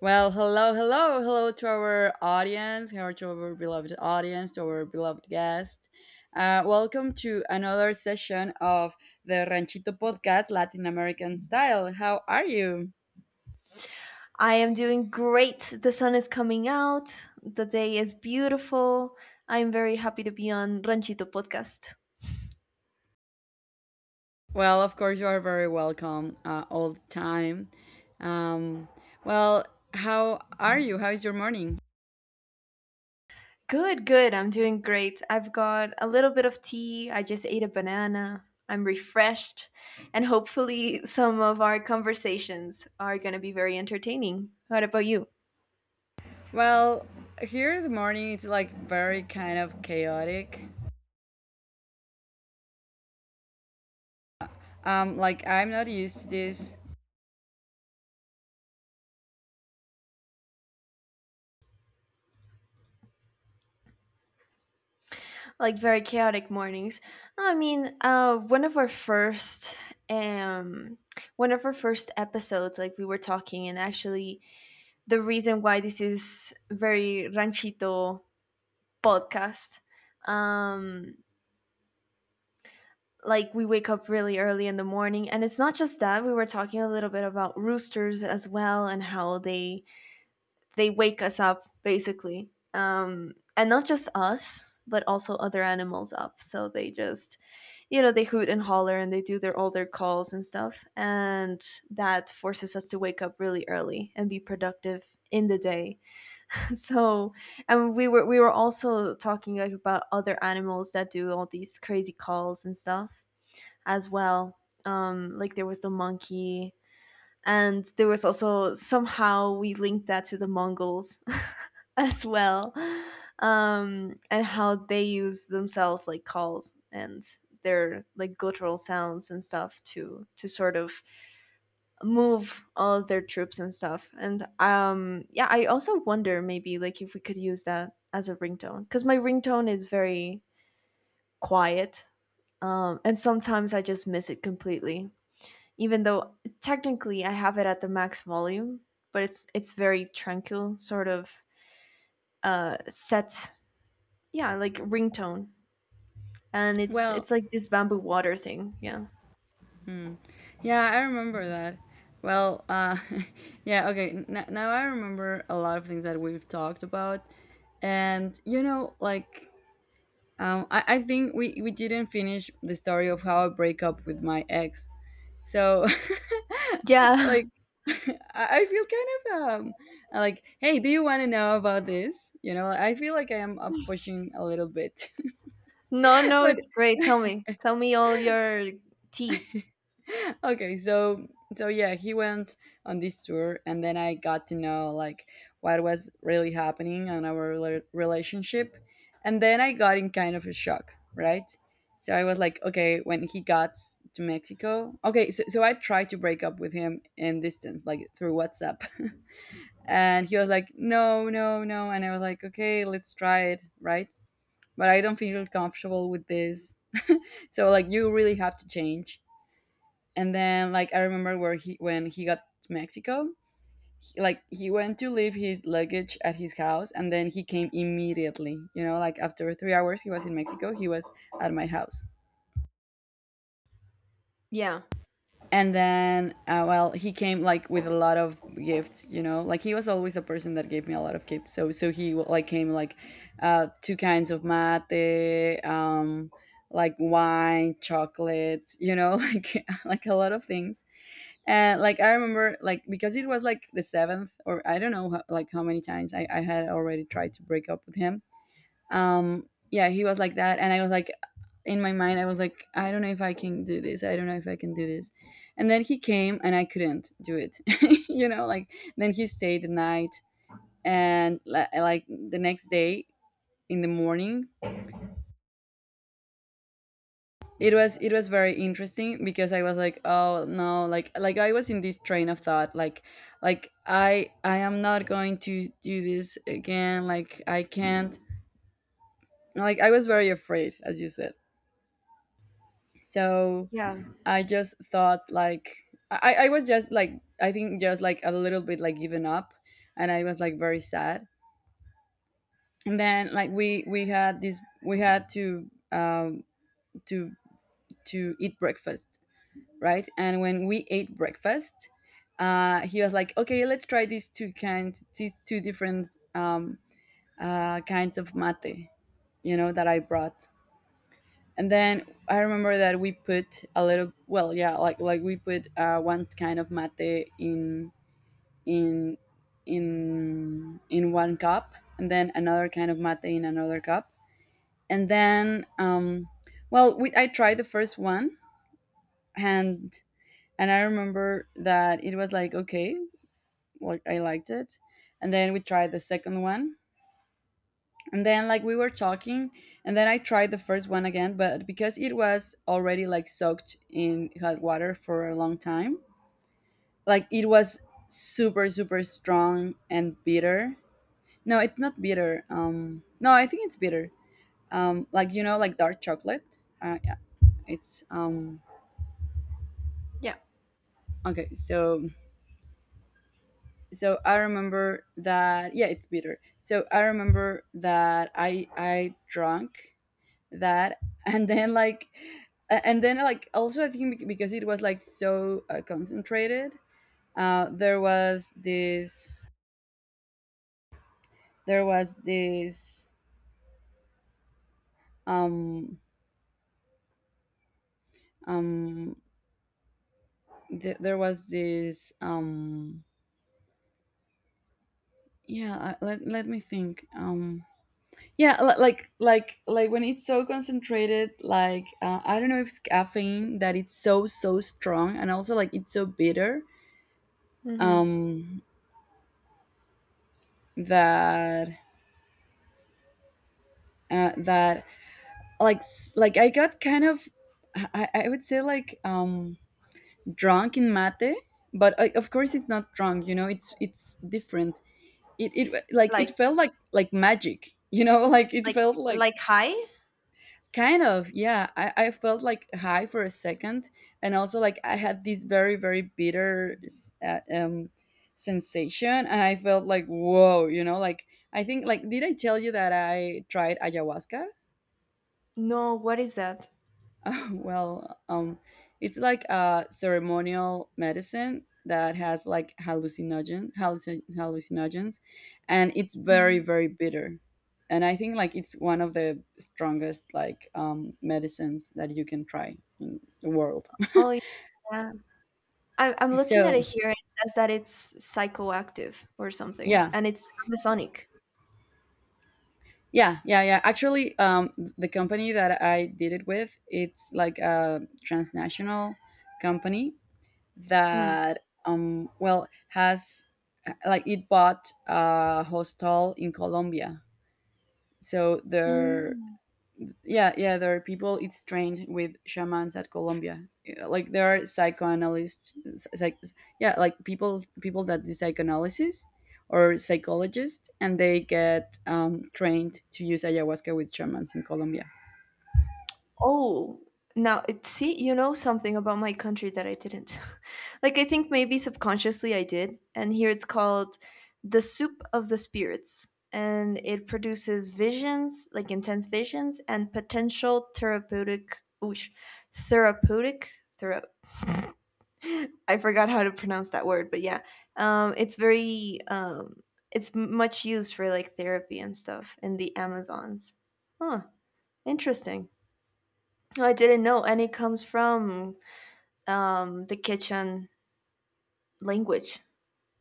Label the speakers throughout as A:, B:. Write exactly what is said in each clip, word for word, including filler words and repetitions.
A: Well, hello, hello, hello to our audience, hello to our beloved audience, to our beloved guest. Uh, welcome to another session of the Ranchito Podcast Latin American Style. How are you?
B: I am doing great. The sun is coming out. The day is beautiful. I'm very happy to be on Ranchito Podcast.
A: Well, of course, you are very welcome uh, all the time. Um, well, how are you? How is your morning?
B: Good, good. I'm doing great. I've got a little bit of tea. I just ate a banana. I'm refreshed. And hopefully, some of our conversations are going to be very entertaining. What about you?
A: Well, here in the morning, it's like very kind of chaotic. Um, like, I'm not used to this.
B: Like, very chaotic mornings. I mean, uh, one of our first um, one of our first episodes, like we were talking, and actually the reason why this is very Ranchito Podcast. Um, like, we wake up really early in the morning, and it's not just that, we were talking a little bit about roosters as well and how they they wake us up basically, um and not just us but also other animals up, so they just you know they hoot and holler, and they do their all their calls and stuff, and that forces us to wake up really early and be productive in the day. So, and we were we were also talking, like, about other animals that do all these crazy calls and stuff as well. Um like, there was the monkey, and there was also somehow we linked that to the Mongols as well. Um and how they use themselves, like, calls and their, like, guttural sounds and stuff, to to sort of move all their troops and stuff. And, um yeah, I also wonder, maybe, like, if we could use that as a ringtone, cuz my ringtone is very quiet. Um and sometimes I just miss it completely. Even though technically I have it at the max volume, but it's it's very tranquil sort of uh set, yeah, like, ringtone. And it's
A: Well,
B: it's like this bamboo water thing, yeah.
A: yeah, I remember that. Well, uh, yeah, okay. N- now I remember a lot of things that we've talked about, and you know, like, um, I, I think we we didn't finish the story of how I break up with my ex. So,
B: Yeah.
A: like, I I feel kind of um, like, hey, do you want to know about this? You know, I feel like I am uh, pushing a little bit,
B: No, no,
A: but
B: it's great. Tell me. Tell me all your tea.
A: okay, so so yeah he went on this tour, and then I got to know like what was really happening on our rela- relationship. And then I got in kind of a shock, right? So I was like, okay, when he got s- to mexico okay so, so I tried to break up with him in distance, like through WhatsApp. And he was like, no, no, no, and I was like, okay, let's try it, right? But I don't feel comfortable with this, so like you really have to change. And then like I remember where he when he got to Mexico, he, like he went to leave his luggage at his house, and then he came immediately, you know, like after three hours he was in Mexico, he was at my house.
B: Yeah.
A: And then uh, well, he came like with a lot of gifts, you know, like he was always a person that gave me a lot of gifts. So so he like came like uh two kinds of mate, um, like wine, chocolates, you know, like like a lot of things. And like I remember, like because it was like the seventh or I don't know how, like how many times I, I had already tried to break up with him. Um, yeah, he was like that, and I was like, in my mind I was like, I don't know if I can do this, I don't know if I can do this. And then he came, and I couldn't do it. You know, like then he stayed the night. And li- like the next day in the morning, it was it was very interesting because I was like, oh no, like like I was in this train of thought, like like i i am not going to do this again, like I can't, like I was very afraid as you said. So
B: Yeah.
A: I just thought like, I, I was just like, I think, just like a little bit like given up, and I was like very sad. And then like we we had this, we had to um to to eat breakfast, right? And when we ate breakfast, uh he was like, "Okay, let's try these two kinds, these two different um uh kinds of mate, you know, that I brought." And then I remember that we put a little, well yeah like like we put uh, one kind of mate in in in in one cup, and then another kind of mate in another cup. And then um well, we I tried the first one. And and I remember that it was like okay, like I liked it. And then we tried the second one, and then like we were talking, and then I tried the first one again, but because it was already like soaked in hot water for a long time, like it was super super strong and bitter. No, it's not bitter, um, no, I think it's bitter. Um, like you know, like dark chocolate, uh, yeah. it's um
B: Yeah.
A: Okay, so so I remember that, yeah, it's bitter. So I remember that i i drank that. And then like a- and then like also I think bec- because it was like so uh, concentrated, uh there was this there was this, um um th- there was this, um yeah I- let, let me think. Um yeah li- like like like when it's so concentrated, like uh, I don't know if it's caffeine that it's so so strong, and also like it's so bitter.
B: Hmm.
A: um that uh, that, like s- like I got kind of, I, I would say like, um, drunk in mate. But I, of course, it's not drunk, you know, it's it's different. It, it like it
B: Like
A: felt like like magic, you know. Like it
B: like
A: felt like,
B: like high.
A: kind of, yeah, I, I felt like high for a second. And also like I had this very very bitter uh, um sensation, and I felt like, whoa, you know, like, I think like, did I tell you that I tried ayahuasca?
B: No, what is that?
A: Well, um, it's like a ceremonial medicine that has like hallucinogen, hallucin- hallucinogens, and it's very
B: Mhm.
A: very bitter. And I think like it's one of the strongest like, um, medicines that you can try in the world.
B: Oh, yeah. I, I'm looking at
A: So
B: it here. It says that it's psychoactive or something,
A: yeah,
B: and it's Masonic.
A: yeah, yeah, yeah. Actually, um, the company that I did it with, it's like a transnational company,
B: Mm.
A: that um, well, has like, it bought a hostel in Colombia. So there,
B: Mm.
A: yeah, yeah, there are people. It's trained with shamans at Colombia. Yeah, like there are psychoanalysts, psych, yeah, like people people that do psychoanalysis or psychologists, and they get, um, trained to use ayahuasca with shamans in Colombia.
B: Oh, now it see, you know something about my country that I didn't. Like, I think maybe subconsciously I did, and here it's called the soup of the spirits, and it produces visions, like, intense visions, and potential therapeutic, oosh, therapeutic, thera- I forgot how to pronounce that word, but yeah, um, it's very, um, it's much used for like therapy and stuff in the Amazons. Huh, interesting. I didn't know, and it comes from, um, the Quechan language.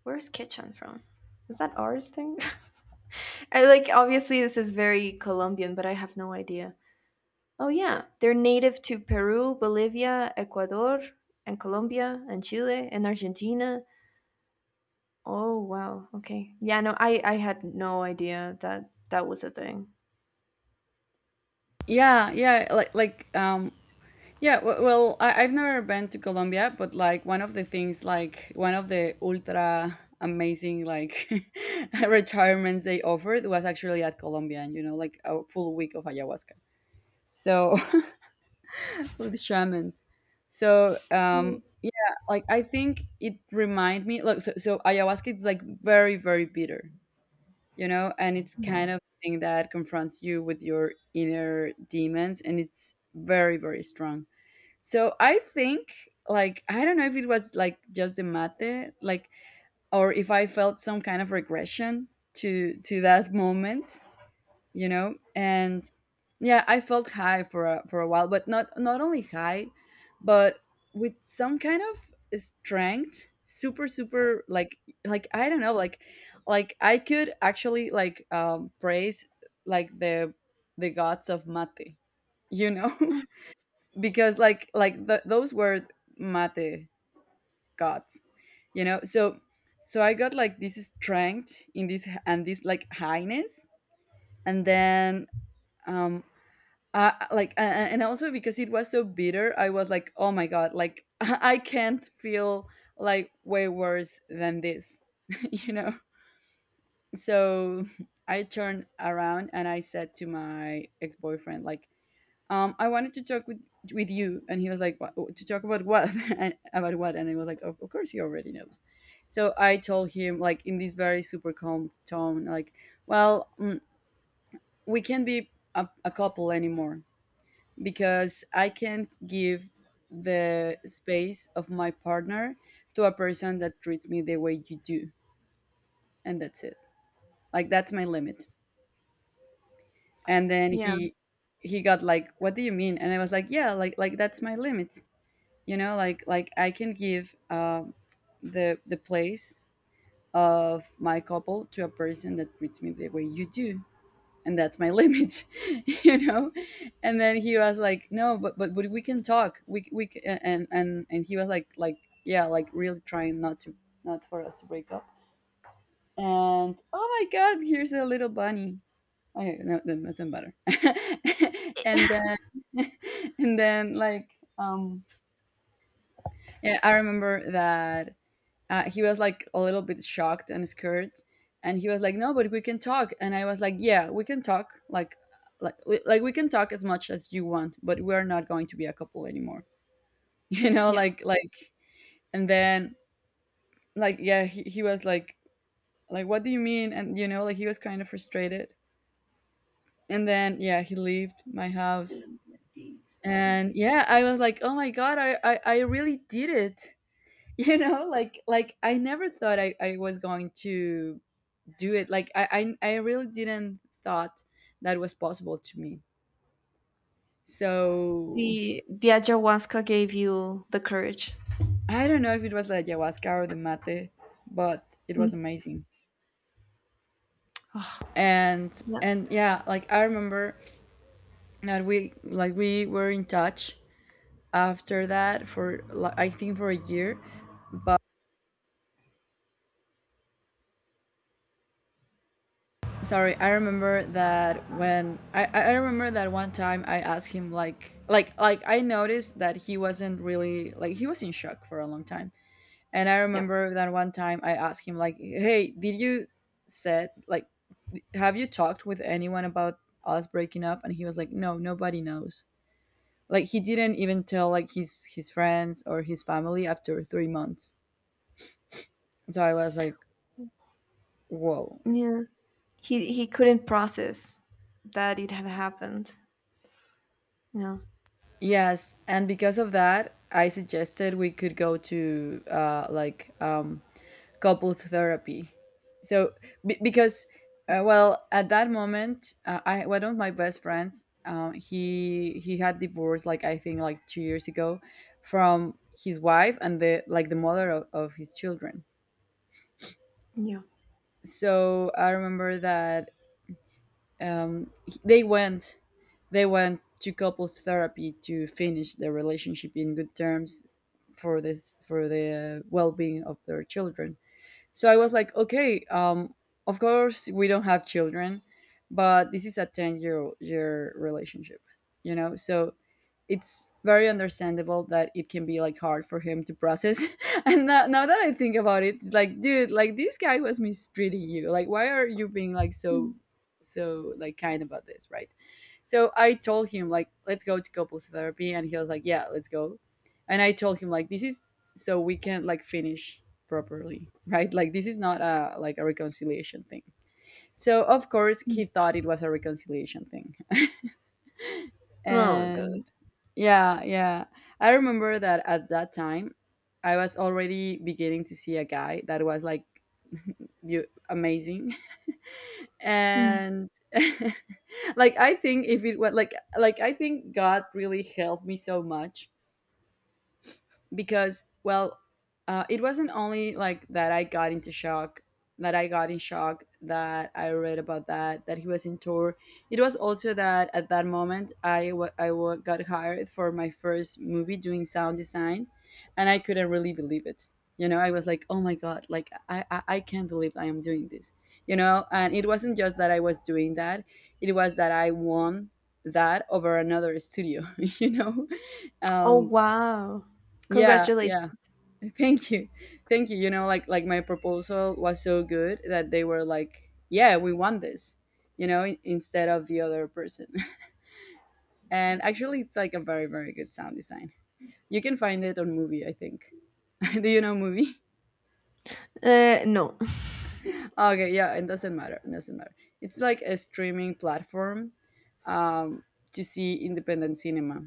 B: Where's Quechan from? Is that ours thing? I like obviously this is very Colombian, but I have no idea. Oh yeah, they're native to Peru, Bolivia, Ecuador, and Colombia, and Chile, and Argentina. Oh wow, okay, yeah, no, I I had no idea that that was a thing.
A: Yeah, yeah, like like um, Yeah, w- well, I- I've never been to Colombia, but like one of the things, like one of the ultra amazing like retirements they offered was actually at Colombia, and you know, like a full week of ayahuasca. So with shamans. So um,
B: Mm.
A: yeah, like I think it remind me. Look, so, so ayahuasca is like very very bitter, you know, and it's kind of thing that confronts you with your inner demons, and it's very very strong. So I think like, I don't know if it was like just the mate, like, or if I felt some kind of regression to to that moment, you know? And yeah, I felt high for a for a while, but not not only high, but with some kind of strength, super super like like I don't know, like like I could actually like, um, praise like the the gods of mate, you know? Because like like th- those were mate gods, you know. So so I got like this strength in this and this like highness. And then um uh, like, a- a- and also because it was so bitter, I was like, oh my god, like I can't feel like way worse than this. You know, so I turned around and I said to my ex-boyfriend like, um, I wanted to talk with with you. And he was like, what, to talk about what, and about what? And I was like, of, of course he already knows. So I told him like in this very super calm tone, like, well, mm, we can't be a, a couple anymore, because I can't give the space of my partner to a person that treats me the way you do, and that's it. Like, that's my limit. And then
B: Yeah,
A: he he got like, what do you mean? And I was like, yeah, like like that's my limit. You know like like i can give um the the place of my couple to a person that treats me the way you do, and that's my limit. you know and then he was like, no, but but, but we can talk, we c- we c- and and and he was like, like yeah, like really trying not to not for us to break up. And oh my god, here's a little bunny. Okay, no, that doesn't matter. And then and then like um yeah, I remember that. Uh, he was like a little bit shocked and scared, and he was like, no, but we can talk. And I was like, yeah, we can talk, like like we- like we can talk as much as you want, but we're not going to be a couple anymore. you know
B: yeah.
A: like like and then like yeah, he, he was like, like what do you mean? And you know, like, he was kind of frustrated. And then, yeah, he left my house. And yeah, I was like, oh my god, i i, I really did it. you know like like i never thought I, I was going to do it. Like I, I i really didn't thought that was possible to me. So
B: The the ayahuasca gave you the courage.
A: I don't know if it was like ayahuasca or the mate, but it
B: Mm.
A: was amazing.
B: Oh,
A: and
B: yeah,
A: and yeah, like, I remember that we, like, we were in touch after that for li- I think for a year. Sorry, I remember that when i I remember that one time I asked him, like, like like I noticed that he wasn't really, like, he was in shock for a long time. And I
B: yeah,
A: remember that one time I asked him, like, "Hey, did you said like have you talked with anyone about us breaking up?" And he was like, "No, nobody knows." Like, he didn't even tell, like, his his friends or his family after three months. So I was like, "Whoa."
B: yeah. he he couldn't process that it had happened. Yeah.
A: Yes, and because of that, I suggested we could go to uh like um couples therapy. So be- because uh, well, at that moment, uh, I, one of my best friends, um, he he had divorced, like, I think, like, two years ago, from his wife and the, like, the mother of, of his children.
B: Yeah.
A: So I remember that um, he- they went, they went to couples therapy to finish their relationship in good terms for this, for the well-being of their children. So I was like, okay, um, of course we don't have children, but this is a ten year year relationship, you know? So it's very understandable that it can be like hard for him to process. And now, now that I think about it, it's like, dude, like, this guy was mistreating you. Like, why are you being, like, so,
B: Mm,
A: so, like, kind about this, right? So I told him, like, let's go to couples therapy, and he was like, yeah, let's go. And I told him, like, this is so we can, like, finish properly, right? Like, this is not a, like, a reconciliation thing. So of course
B: mm.
A: he thought it was a reconciliation thing.
B: Oh good.
A: And yeah, yeah, I remember that at that time I was already beginning to see a guy that was like, you amazing.
B: Mm.
A: And like, I think if it was like like I think god really helped me so much because, well, uh, it wasn't only like that I got into shock, that I got in shock, that I read about that, that he was in tour. It was also that at that moment I wa- I wa- got hired for my first movie doing sound design, and I couldn't really believe it. You know, I was like, oh my god, like, i i, I can't believe I am doing this. You know, and it wasn't just that I was doing that, it was that I won that over another studio. You know.
B: Oh
A: um
B: wow.
A: yeah, yeah.
B: Congratulations.
A: Thank you, thank you. You know, like, like my proposal was so good that they were like, yeah, we want this. You know, in- instead of the other person. And actually, it's like a very, very good sound design. You can find it on movie, I think. Do you know movie?
B: Uh no.
A: Okay, yeah, it doesn't matter, it doesn't matter. It's like a streaming platform, um, to see independent cinema.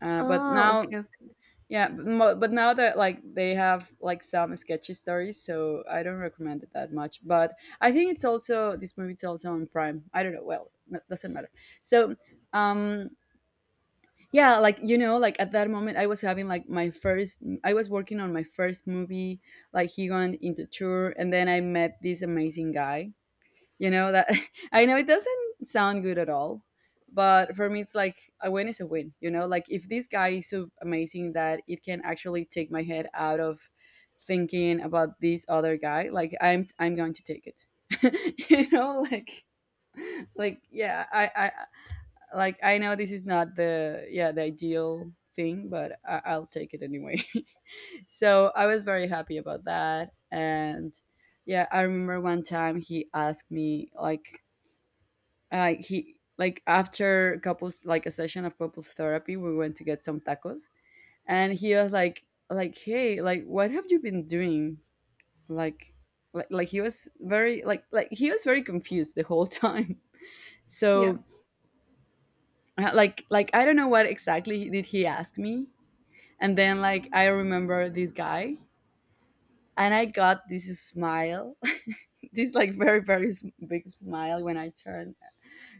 A: uh, But
B: Oh,
A: now,
B: okay, okay.
A: yeah, but, mo- but now that, like, they have like some sketchy stories, so I don't recommend it that much. But I think it's also, this movie's also on Prime. I don't know. Well, no, doesn't matter. So, um, yeah, like, you know, like, at that moment, I was having like my first. I was working on my first movie, like, he went into tour, and then I met this amazing guy. You know, that I know it doesn't sound good at all, but for me it's like a win is a win. You know, like, if this guy is so amazing that it can actually take my head out of thinking about this other guy, like, i'm i'm going to take it. You know, like like yeah I I like, I know this is not the, yeah, the ideal thing, but I, I'll take it anyway. So I was very happy about that. And yeah, I remember one time he asked me, like, uh, he, like, after couples, like, a session of couples therapy, we went to get some tacos. And he was like, like hey, like, what have you been doing? Like, like, like he was very, like like he was very confused the whole time.
B: Yeah.
A: So uh, like, like I don't know what exactly did he ask me. And then, like, I remember this guy, and I got this smile, this like very, very s- big smile when I turned,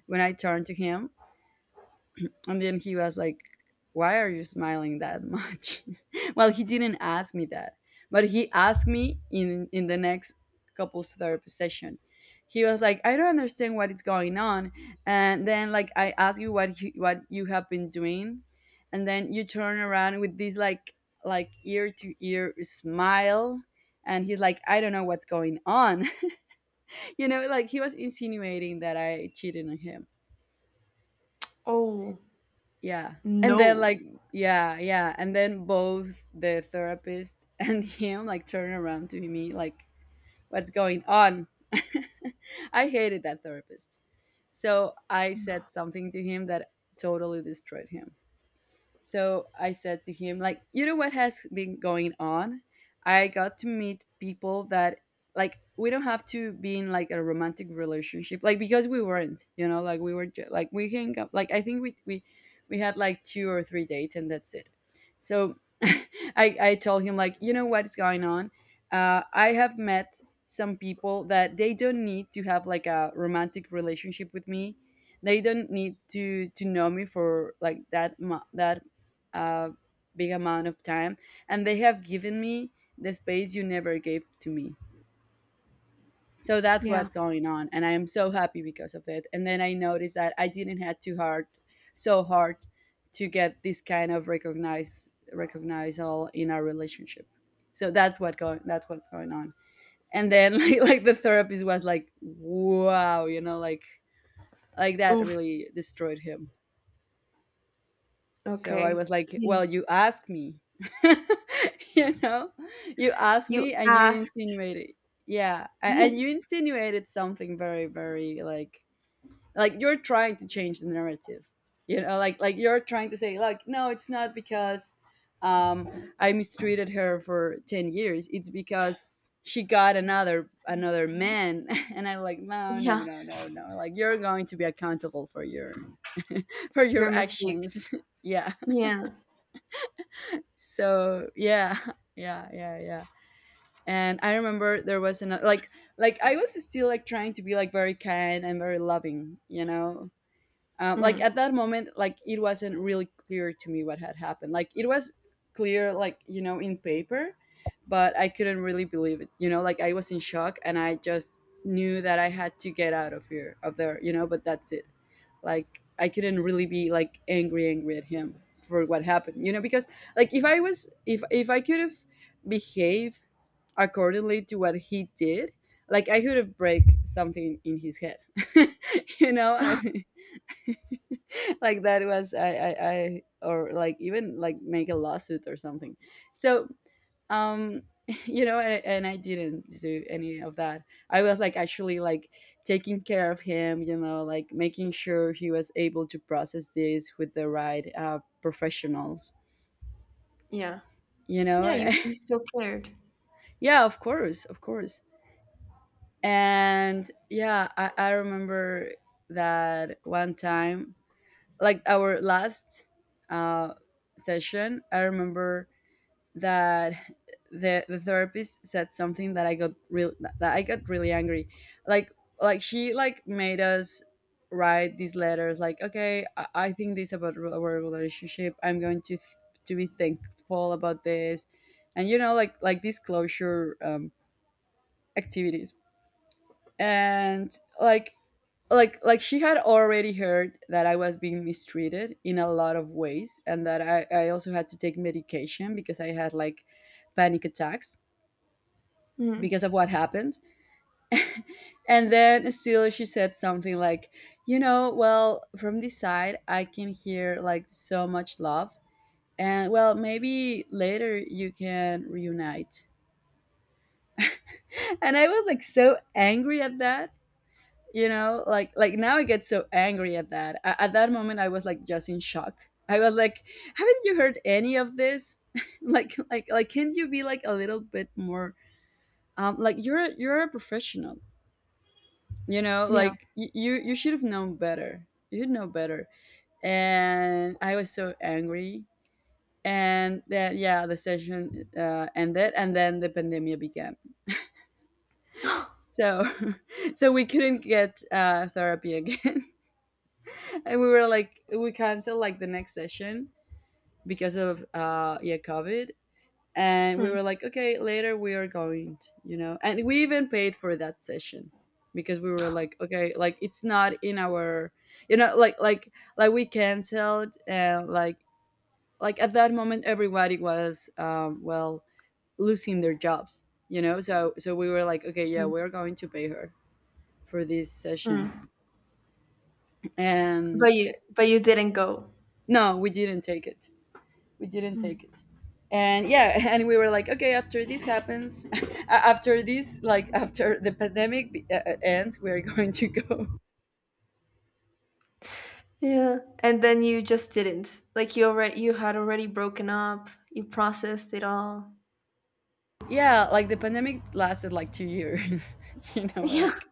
A: when i turned to him. And then he was like, why are you smiling that much? Well, he didn't ask me that, but he asked me in, in the next couples therapy session. He was like, I don't understand what is going on. And then, like, I ask you what you, what you have been doing. And then you turn around with this, like, like ear to ear smile. And he's like, I don't know what's going on. You know, like, he was insinuating that I cheated on him.
B: Oh
A: Yeah. And then, like,
B: no.
A: yeah, yeah. And then both the therapist and him, like, turn around to me, like, what's going on? I hated that therapist. So I said something to him that totally destroyed him. So I said to him, like, you know what has been going on? I got to meet people that, like, we don't have to be in like a romantic relationship, like, because we weren't, you know, like, we were ju- like we hang up, like, I think we we we had like two or three dates and that's it. So I I told him, like, you know what's going on? Uh, I have met some people that they don't need to have like a romantic relationship with me. They don't need to to know me for, like, that mu- that a big amount of time. And they have given me the space you never gave to me. So that's
B: Yeah.
A: what's going on, and I am so happy because of it. And then I noticed that I didn't have too hard, so hard, to get this kind of recognize recognizal in our relationship. So that's what going that's what's going on. And then like, like the therapist was like, wow. You know, like, like that
B: Oof.
A: really destroyed him. So I
B: Okay.
A: was like,
B: Yeah.
A: well, you asked me. You know, you asked me
B: You
A: and you
B: ask,
A: insinuated. Yeah. a-
B: yeah.
A: And you insinuated something very, very like, like you're trying to change the narrative. You know, like, like you're trying to say, like, no, it's not because um, I mistreated her for ten years. It's because she got another another man. And I'm like, no, no,
B: Yeah.
A: no, no, no. Like, you're going to be accountable for your for your
B: Your mistakes.
A: actions. Yeah.
B: Yeah.
A: So yeah, yeah, yeah, yeah. And I remember there was another, like, like I was still, like, trying to be like very kind and very loving. You know, um, like,
B: Mm.
A: at that moment, like, it wasn't really clear to me what had happened. Like, it was clear, like, you know, in paper, but I couldn't really believe it. You know, like, I was in shock, and I just knew that I had to get out of here, of there. You know, but that's it. Like, I couldn't really be like angry angry at him for what happened. You know, because, like, if I was, if if I could have behaved accordingly to what he did, like, I could have break something in his head. You know, I mean. Like, that was I, I I, or, like, even, like, make a lawsuit or something. So um you know. And, and I didn't do any of that. I was like actually like taking care of him, you know, like making sure he was able to process this with the right uh, professionals.
B: Yeah.
A: You
B: Yeah,
A: know.
B: you, you still cared.
A: Yeah, of course, of course. And yeah, I, I remember that one time, like, our last uh, session, I remember that the the therapist said something that I got real that I got really angry. Like like she, like, made us write these letters. Like, okay, I, I think this about re- our relationship. I'm going to th- To be thankful about this, and you know like like these closure um, activities. And like like like she had already heard that I was being mistreated in a lot of ways, and that i, I also had to take medication because I had like panic attacks
B: Mm.
A: because of what happened. And then still she said something like, you know, well, from this side I can hear like so much love and well maybe later you can reunite. And I was like so angry at that. You know, like like now I get so angry at that. A- at that moment I was like just in shock. I was like, haven't you heard any of this? like like like can't you be like a little bit more, um like you're you're a professional. You know,
B: Yeah.
A: like y- you you should have known better. You know better. And I was so angry, and then yeah, the session uh, ended, and then the pandemic began. So so we couldn't get uh, therapy again, and we were like we canceled like the next session because of uh yeah, COVID. And we
B: Mm.
A: were like, okay, later we are going to, you know. And we even paid for that session because we were like, okay, like it's not in our, you know, like like like we canceled. And like like at that moment everybody was um well losing their jobs, you know, so so we were like, okay, yeah,
B: True.
A: we're going to pay her for this session.
B: Mm.
A: And
B: But you but you didn't go.
A: no, we didn't take it. We didn't
B: Mm.
A: take it. And yeah, and we were like, okay, after this happens, a- after this, like after the pandemic be- uh, uh, ends we're going to go.
B: Yeah. And then you just didn't. Like, you already you had already broken up, you processed it all.
A: Yeah, like the pandemic lasted like two years. You know,
B: Yeah.
A: like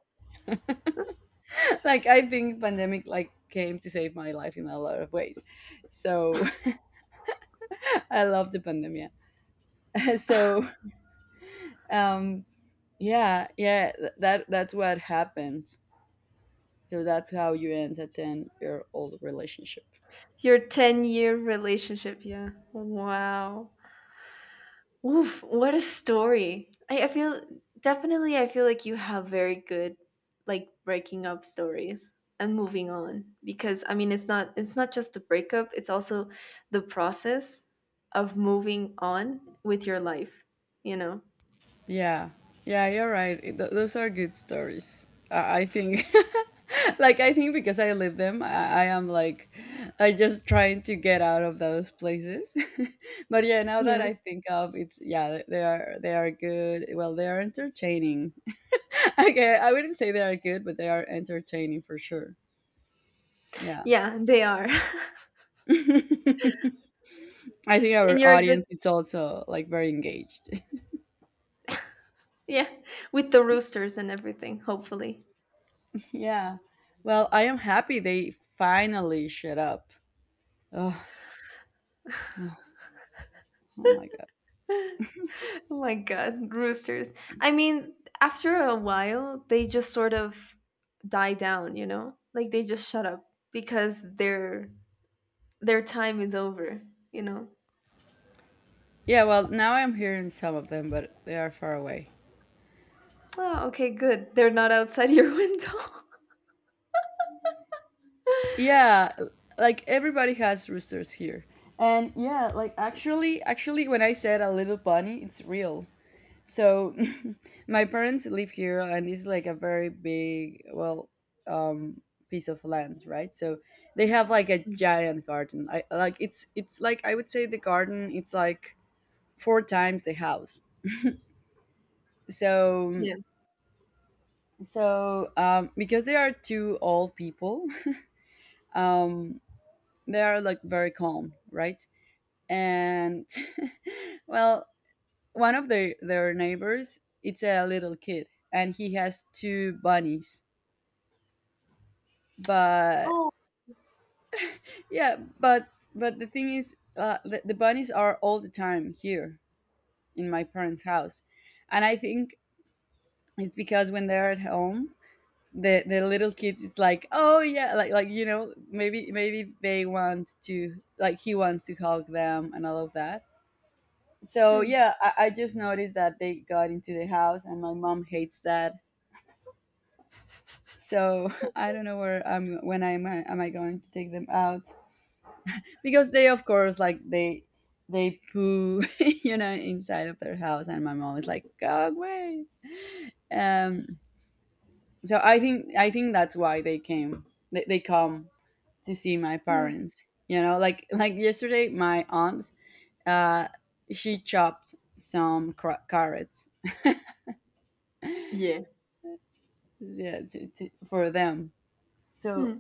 A: like I think pandemic like came to save my life in a lot of ways. So I love the pandemic. So, um, yeah, yeah, th- that that's what happened. So that's how you end a ten year old relationship.
B: Your ten-year relationship, yeah. Wow. Oof, what a story. I, I feel definitely I feel like you have very good, like, breaking up stories, and moving on, because I mean, it's not it's not just the breakup, it's also the process of moving on with your life, you know.
A: Yeah, yeah, you're right. It, th- those are good stories. I, I think, like, I think because I live them, I, I am like, I just trying to get out of those places. But yeah, now that
B: Yeah.
A: I think of it's yeah, they are they are good. Well, they are entertaining. Okay, I wouldn't say they are good, but they are entertaining for sure. Yeah.
B: Yeah, they are.
A: I think
B: And
A: our
B: you're a good.
A: audience is also like very engaged.
B: Yeah, with the roosters and everything, hopefully.
A: Yeah. Well, I am happy they finally shut up. Ugh, oh oh my god.
B: Oh my god, roosters. I mean, after a while, they just sort of die down, you know? Like, they just shut up because their their time is over, you know?
A: Yeah, well, now I'm hearing some of them, but they are far away.
B: Oh, okay, good. They're not outside your window.
A: Yeah, like everybody has roosters here. And yeah, like actually, actually, when I said a little bunny, it's real. So my parents live here, and it's like a very big, well, um, piece of land, right? So they have like a
B: Mm,
A: giant garden. I like it's it's like I would say the garden. It's like four times the house. So
B: yeah.
A: so, um, because they are two old people, um, they are like very calm, right? And well, one of their their neighbors, it's a little kid, and he has two bunnies. But
B: Oh.
A: yeah, but but the thing is, uh, the, the bunnies are all the time here in my parents' house, and I think it's because when they're at home, the the little kids is like, oh yeah, like like you know, maybe maybe they want to like, he wants to hug them and all of that. So
B: Mm,
A: yeah, i, I just noticed that they got into the house, and my mom hates that. So I don't know where I'm when I'm am I going to take them out, because they of course like they they poo you know inside of their house, and my mom is like, go away. Um, so i think i think that's why they came, they, they come to see my
B: mm.
A: parents. You know, like like yesterday, my aunt, uh, she chopped some cra- carrots,
B: Yeah.
A: yeah, to, to, for them. So
B: Mm.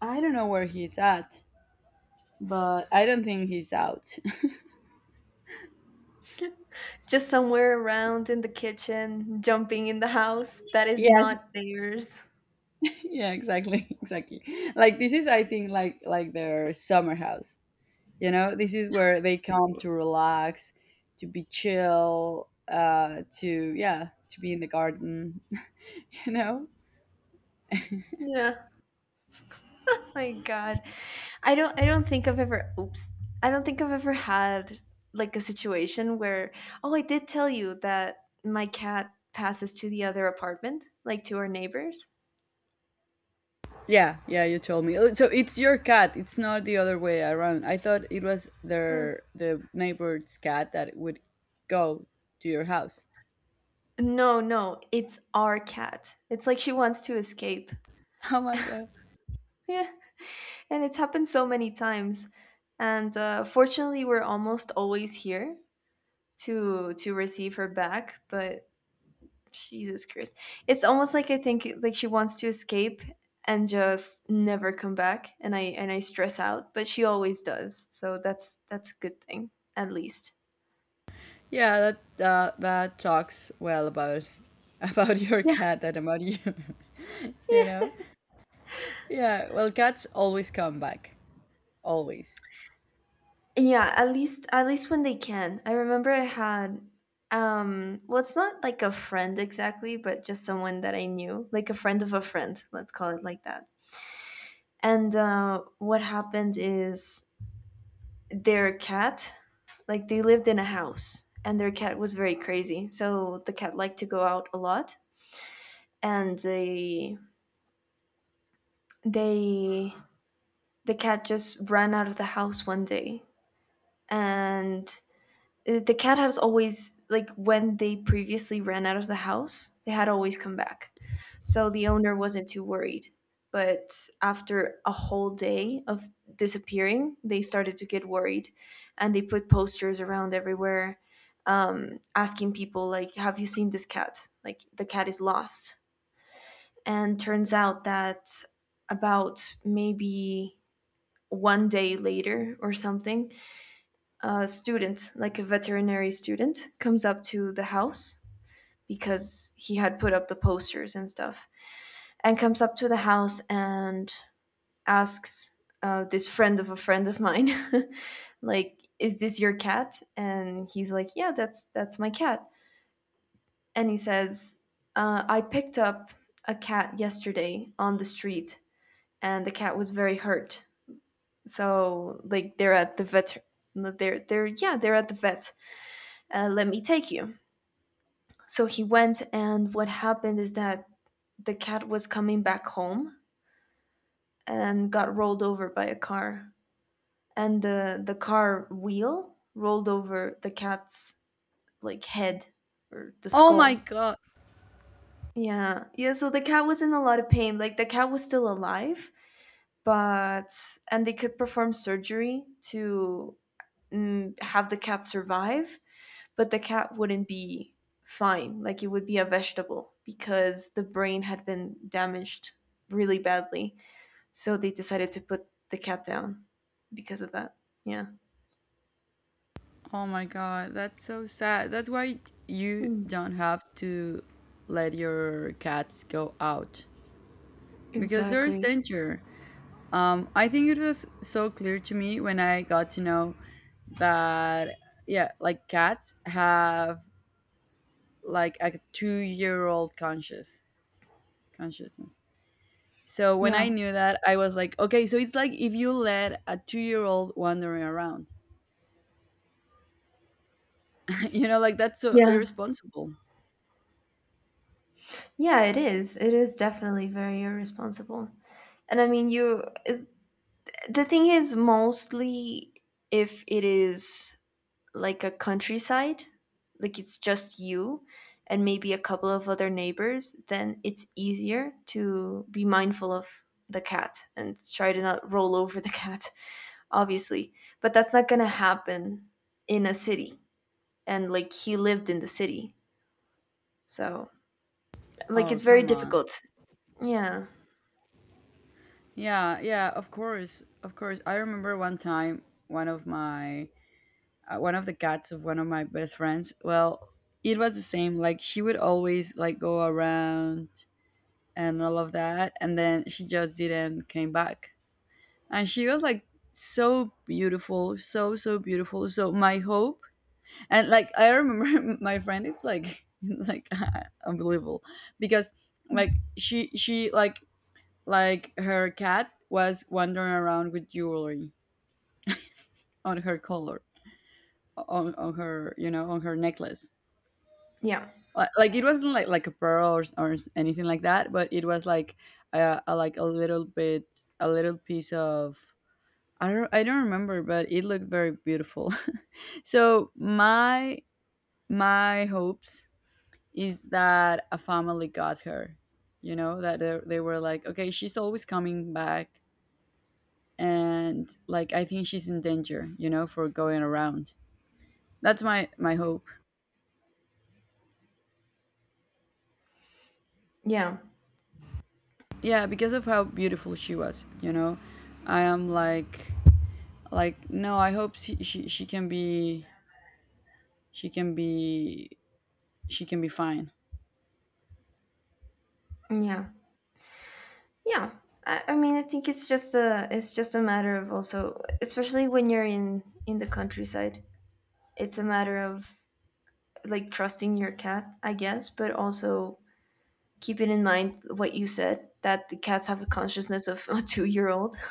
A: I don't know where he's at, but I don't think he's out.
B: Just somewhere around in the kitchen, jumping in the house that is
A: Yes.
B: not theirs.
A: Yeah. Exactly. Exactly. Like this is, I think, like like their summer house. You know, this is where they come to relax, to be chill, uh, to yeah, to be in the garden. You know.
B: Yeah. My god. I don't i don't think I've ever. Oops. I don't think I've ever had, like, a situation where, oh, I did tell you that my cat passes to the other apartment, like, to our neighbors.
A: Yeah, yeah, you told me. Oh, so it's your cat. It's not the other way around. I thought it was
B: Mm.
A: their the neighbor's cat that would go to your house.
B: No, no, it's our cat. It's like she wants to escape.
A: Oh my god.
B: Yeah. And it's happened so many times, and, uh, fortunately we're almost always here to to receive her back, but Jesus Christ. It's almost like, I think like she wants to escape and just never come back, and I and I stress out, but she always does. So that's that's a good thing at least.
A: Yeah, that uh, that talks well about about your
B: Yeah.
A: cat than about you. You know? Yeah. Well, cats always come back. Always.
B: Yeah, at least at least when they can. I remember I had, um well, it's not like a friend exactly, but just someone that I knew, like a friend of a friend, let's call it like that. And uh what happened is, their cat, like they lived in a house and their cat was very crazy, so the cat liked to go out a lot, and they they the cat just ran out of the house one day. And Uh, The cat has always, like, when they previously ran out of the house, they had always come back. So the owner wasn't too worried. But after a whole day of disappearing, they started to get worried, and they put posters around everywhere, um, asking people, like, have you seen this cat? Like, the cat is lost. And turns out that about, maybe, one day later or something, a student, like a veterinary student, comes up to the house because he had put up the posters and stuff, and comes up to the house and asks, uh, this friend of a friend of mine, like, "Is this your cat?" And he's like, "Yeah, that's that's my cat." And he says, uh, "I picked up a cat yesterday on the street, and the cat was very hurt. So like they're at the vet." They're they're yeah they're at the vet. Uh, let me take you. So he went, and what happened is that the cat was coming back home and got rolled over by a car, and the the car wheel rolled over the cat's, like, head or the
A: Oh my
B: skull.
A: god.
B: Yeah, yeah. So the cat was in a lot of pain. Like, the cat was still alive, but and they could perform surgery to, mm, have the cat survive, but the cat wouldn't be fine. Like, it would be a vegetable because the brain had been damaged really badly. So they decided to put the cat down because of that. Yeah.
A: Oh my god. That's so sad. That's why you
B: Hmm.
A: don't have to let your cats go out, because there is
B: Exactly.
A: danger. Um, I think it was so clear to me when I got to know that, yeah, like cats have like a two-year-old conscious consciousness. So when I
B: Yeah.
A: knew that, I was like, okay, so it's like if you let a two-year-old wandering around, you know, like that's so
B: Yeah,
A: irresponsible.
B: Yeah, it is. It is definitely very irresponsible. And I mean, you, the thing is, mostly if it is like a countryside, like it's just you and maybe a couple of other neighbors, then it's easier to be mindful of the cat and try to not roll over the cat, obviously. But that's not going to happen in a city. And like he lived in the city. So, like,
A: Oh,
B: it's very
A: come on.
B: difficult. Yeah.
A: Yeah, yeah, of course. Of course. I remember one time one of my uh, one of the cats of one of my best friends, well, it was the same, like she would always like go around and all of that, and then she just didn't came back. And she was like so beautiful, so so beautiful, so my hope. And like I remember my friend it's like it's like unbelievable because like she she like like her cat was wandering around with jewelry on her collar, on, on her, you know, on her necklace.
B: Yeah.
A: Uh, like it wasn't like like a pearl or, s- or s- anything like that, but it was like uh, uh, like a little bit, a little piece of, i don't I don't remember, but it looked very beautiful. So my my hopes is that a family got her, you know, that they, they were like, okay, she's always coming back, and like I think she's in danger, you know, for going around. That's my my hope.
B: Yeah.
A: Yeah, because of how beautiful she was, you know. I am like like no, I hope she, she she can be, she can be, she can be fine.
B: Yeah. Yeah. I, I mean, I think it's just a it's just a matter of also, especially when you're in in the countryside, it's a matter of, like, trusting your cat, I guess, but also keeping in mind what you said, that the cats have a consciousness of a two year old.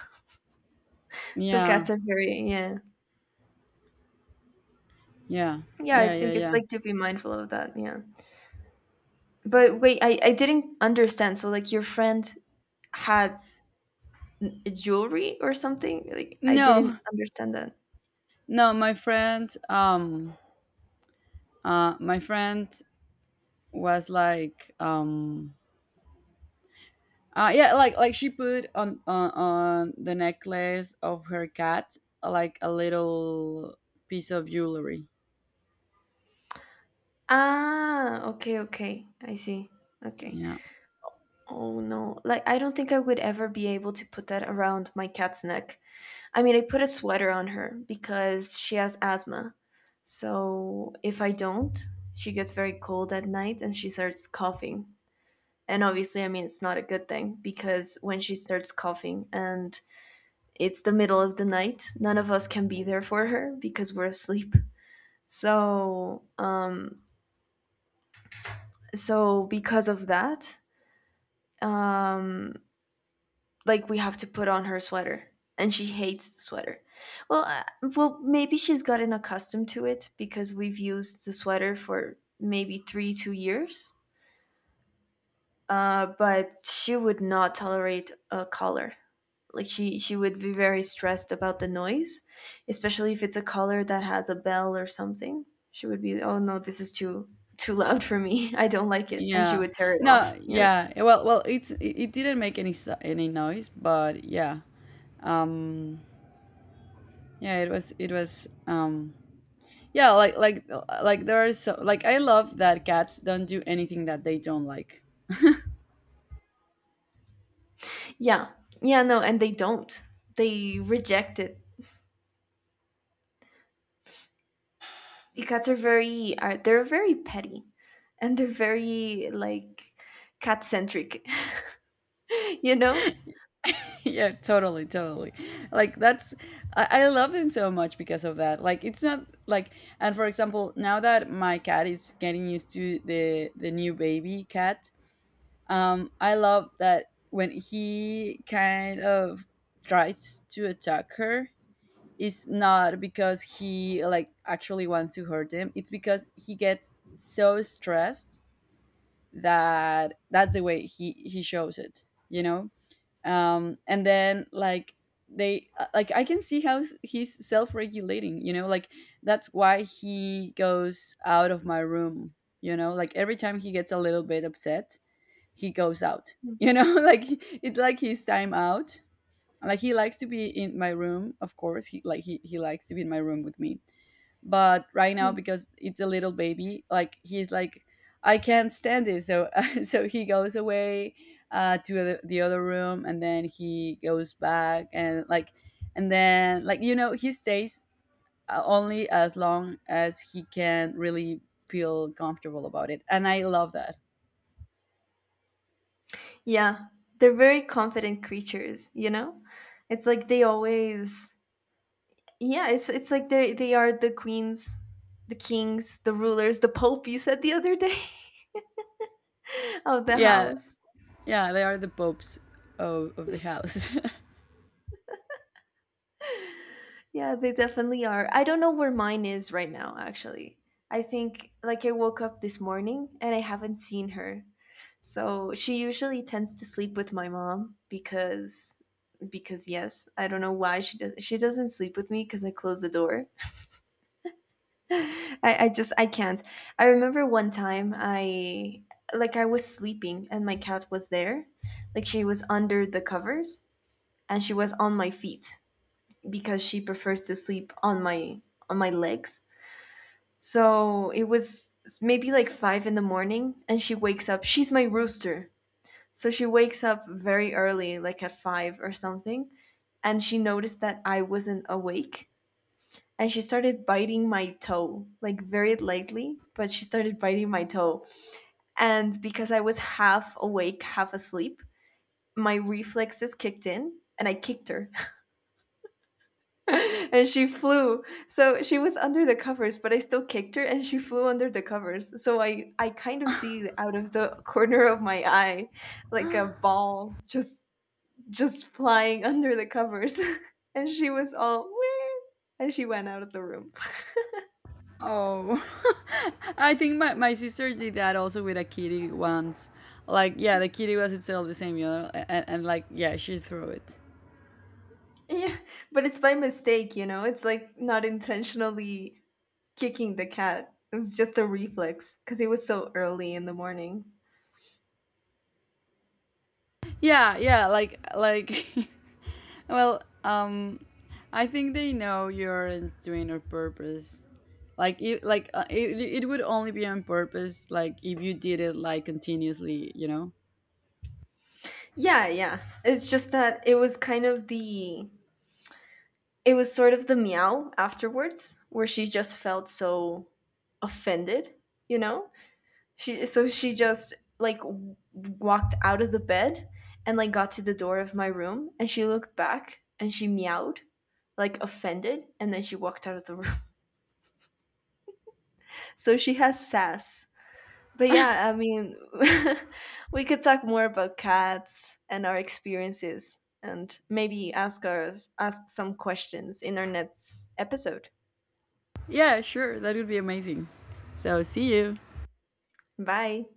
B: So
A: Yeah
B: cats are very, yeah.
A: yeah
B: Yeah, I
A: yeah yeah
B: think it's
A: yeah.
B: like to be mindful of that. Yeah. But wait, I, I didn't understand. So, like, your friend had jewelry or something? Like, I
A: No,
B: didn't understand that.
A: no my friend, um uh my friend was like um uh yeah, like like she put on on, on the necklace of her cat like a little piece of jewelry.
B: Ah, okay, okay. I see. Okay.
A: Yeah,
B: Oh no. Like, I don't think I would ever be able to put that around my cat's neck. I mean, I put a sweater on her because she has asthma. So if I don't, she gets very cold at night and she starts coughing. And obviously, I mean, it's not a good thing because when she starts coughing and it's the middle of the night, none of us can be there for her because we're asleep. So, um, so because of that, um, like, we have to put on her sweater, and she hates the sweater. Well uh, well maybe she's gotten accustomed to it, because we've used the sweater for maybe three two years. Uh, but she would not tolerate a collar. Like, she she would be very stressed about the noise, especially if it's a collar that has a bell or something. She would be, oh no, this is too too loud for me. I don't like it. And she
A: yeah,
B: would tear it off,
A: no
B: yeah
A: yeah, well, well it's it, it didn't make any so- any noise, but yeah, um yeah it was it was um yeah like like like there are so like I love that cats don't do anything that they don't like.
B: yeah. Yeah. No, and they don't. They reject it. Cats are very are they're very petty, and they're very like cat centric, you know.
A: Yeah, totally, totally, like that's, I, I love them so much because of that. Like it's not like, and for example, now that my cat is getting used to the the new baby cat, um, I love that when he kind of tries to attack her, is not because he like actually wants to hurt him, it's because he gets so stressed that that's the way he he shows it, you know. Um, and then like they uh, like I can see how he's self-regulating, you know, like that's why he goes out of my room. You know, like every time he gets a little bit upset, he goes out, you know. Like it's like his time out. Like he likes to be in my room, of course, he like he, he likes to be in my room with me, but right now
B: Mhm.
A: because it's a little baby, like he's like, I can't stand this. So so he goes away uh to the, the other room, and then he goes back, and like and then, like, you know, he stays uh, only as long as he can really feel comfortable about it. And I love that.
B: Yeah, they're very confident creatures. You know, it's like they always, yeah. It's it's like they they are the queens, the kings, the rulers, the pope. You said the other day of the
A: Yeah
B: house.
A: yeah they are the popes of, of the house.
B: Yeah, they definitely are. I don't know where mine is right now, actually. I think, like, I woke up this morning and I haven't seen her. So she usually tends to sleep with my mom, because because yes, I don't know why she does she doesn't sleep with me, because I close the door. I, I just, I can't. I remember one time, I, like, I was sleeping and my cat was there. Like, she was under the covers and she was on my feet because she prefers to sleep on my on my legs. So it was maybe like five in the morning, and she wakes up. She's my rooster. So she wakes up very early, like at five or something, and she noticed that I wasn't awake. And she started biting my toe, like very lightly, but she started biting my toe. And because I was half awake, half asleep, my reflexes kicked in, and I kicked her. And she flew. So she was under the covers, but I still kicked her and she flew under the covers. So I I kind of see out of the corner of my eye, like a ball just just flying under the covers. And she was all "Wee!" and she went out of the room.
A: Oh, I think my, my sister did that also with a kitty once. Like, yeah, the kitty was itself the same, you know, and, and like, yeah, she threw it.
B: Yeah, but it's by mistake, you know. It's like not intentionally kicking the cat. It was just a reflex because it was so early in the morning.
A: Yeah, yeah, like, like, well, um, I think they know you're doing on purpose. Like, it, like uh, it, it would only be on purpose, like, if you did it, like, continuously, you know?
B: Yeah, yeah. It's just that it was kind of the It was sort of the meow afterwards, where she just felt so offended, you know? She so she just, like, w- walked out of the bed, and, like, got to the door of my room, and she looked back and she meowed, like, offended, and then she walked out of the room. So she has sass. But yeah, I mean, we could talk more about cats and our experiences, and maybe ask us ask some questions in our next episode.
A: Yeah, sure, that would be amazing. So, see you.
B: Bye.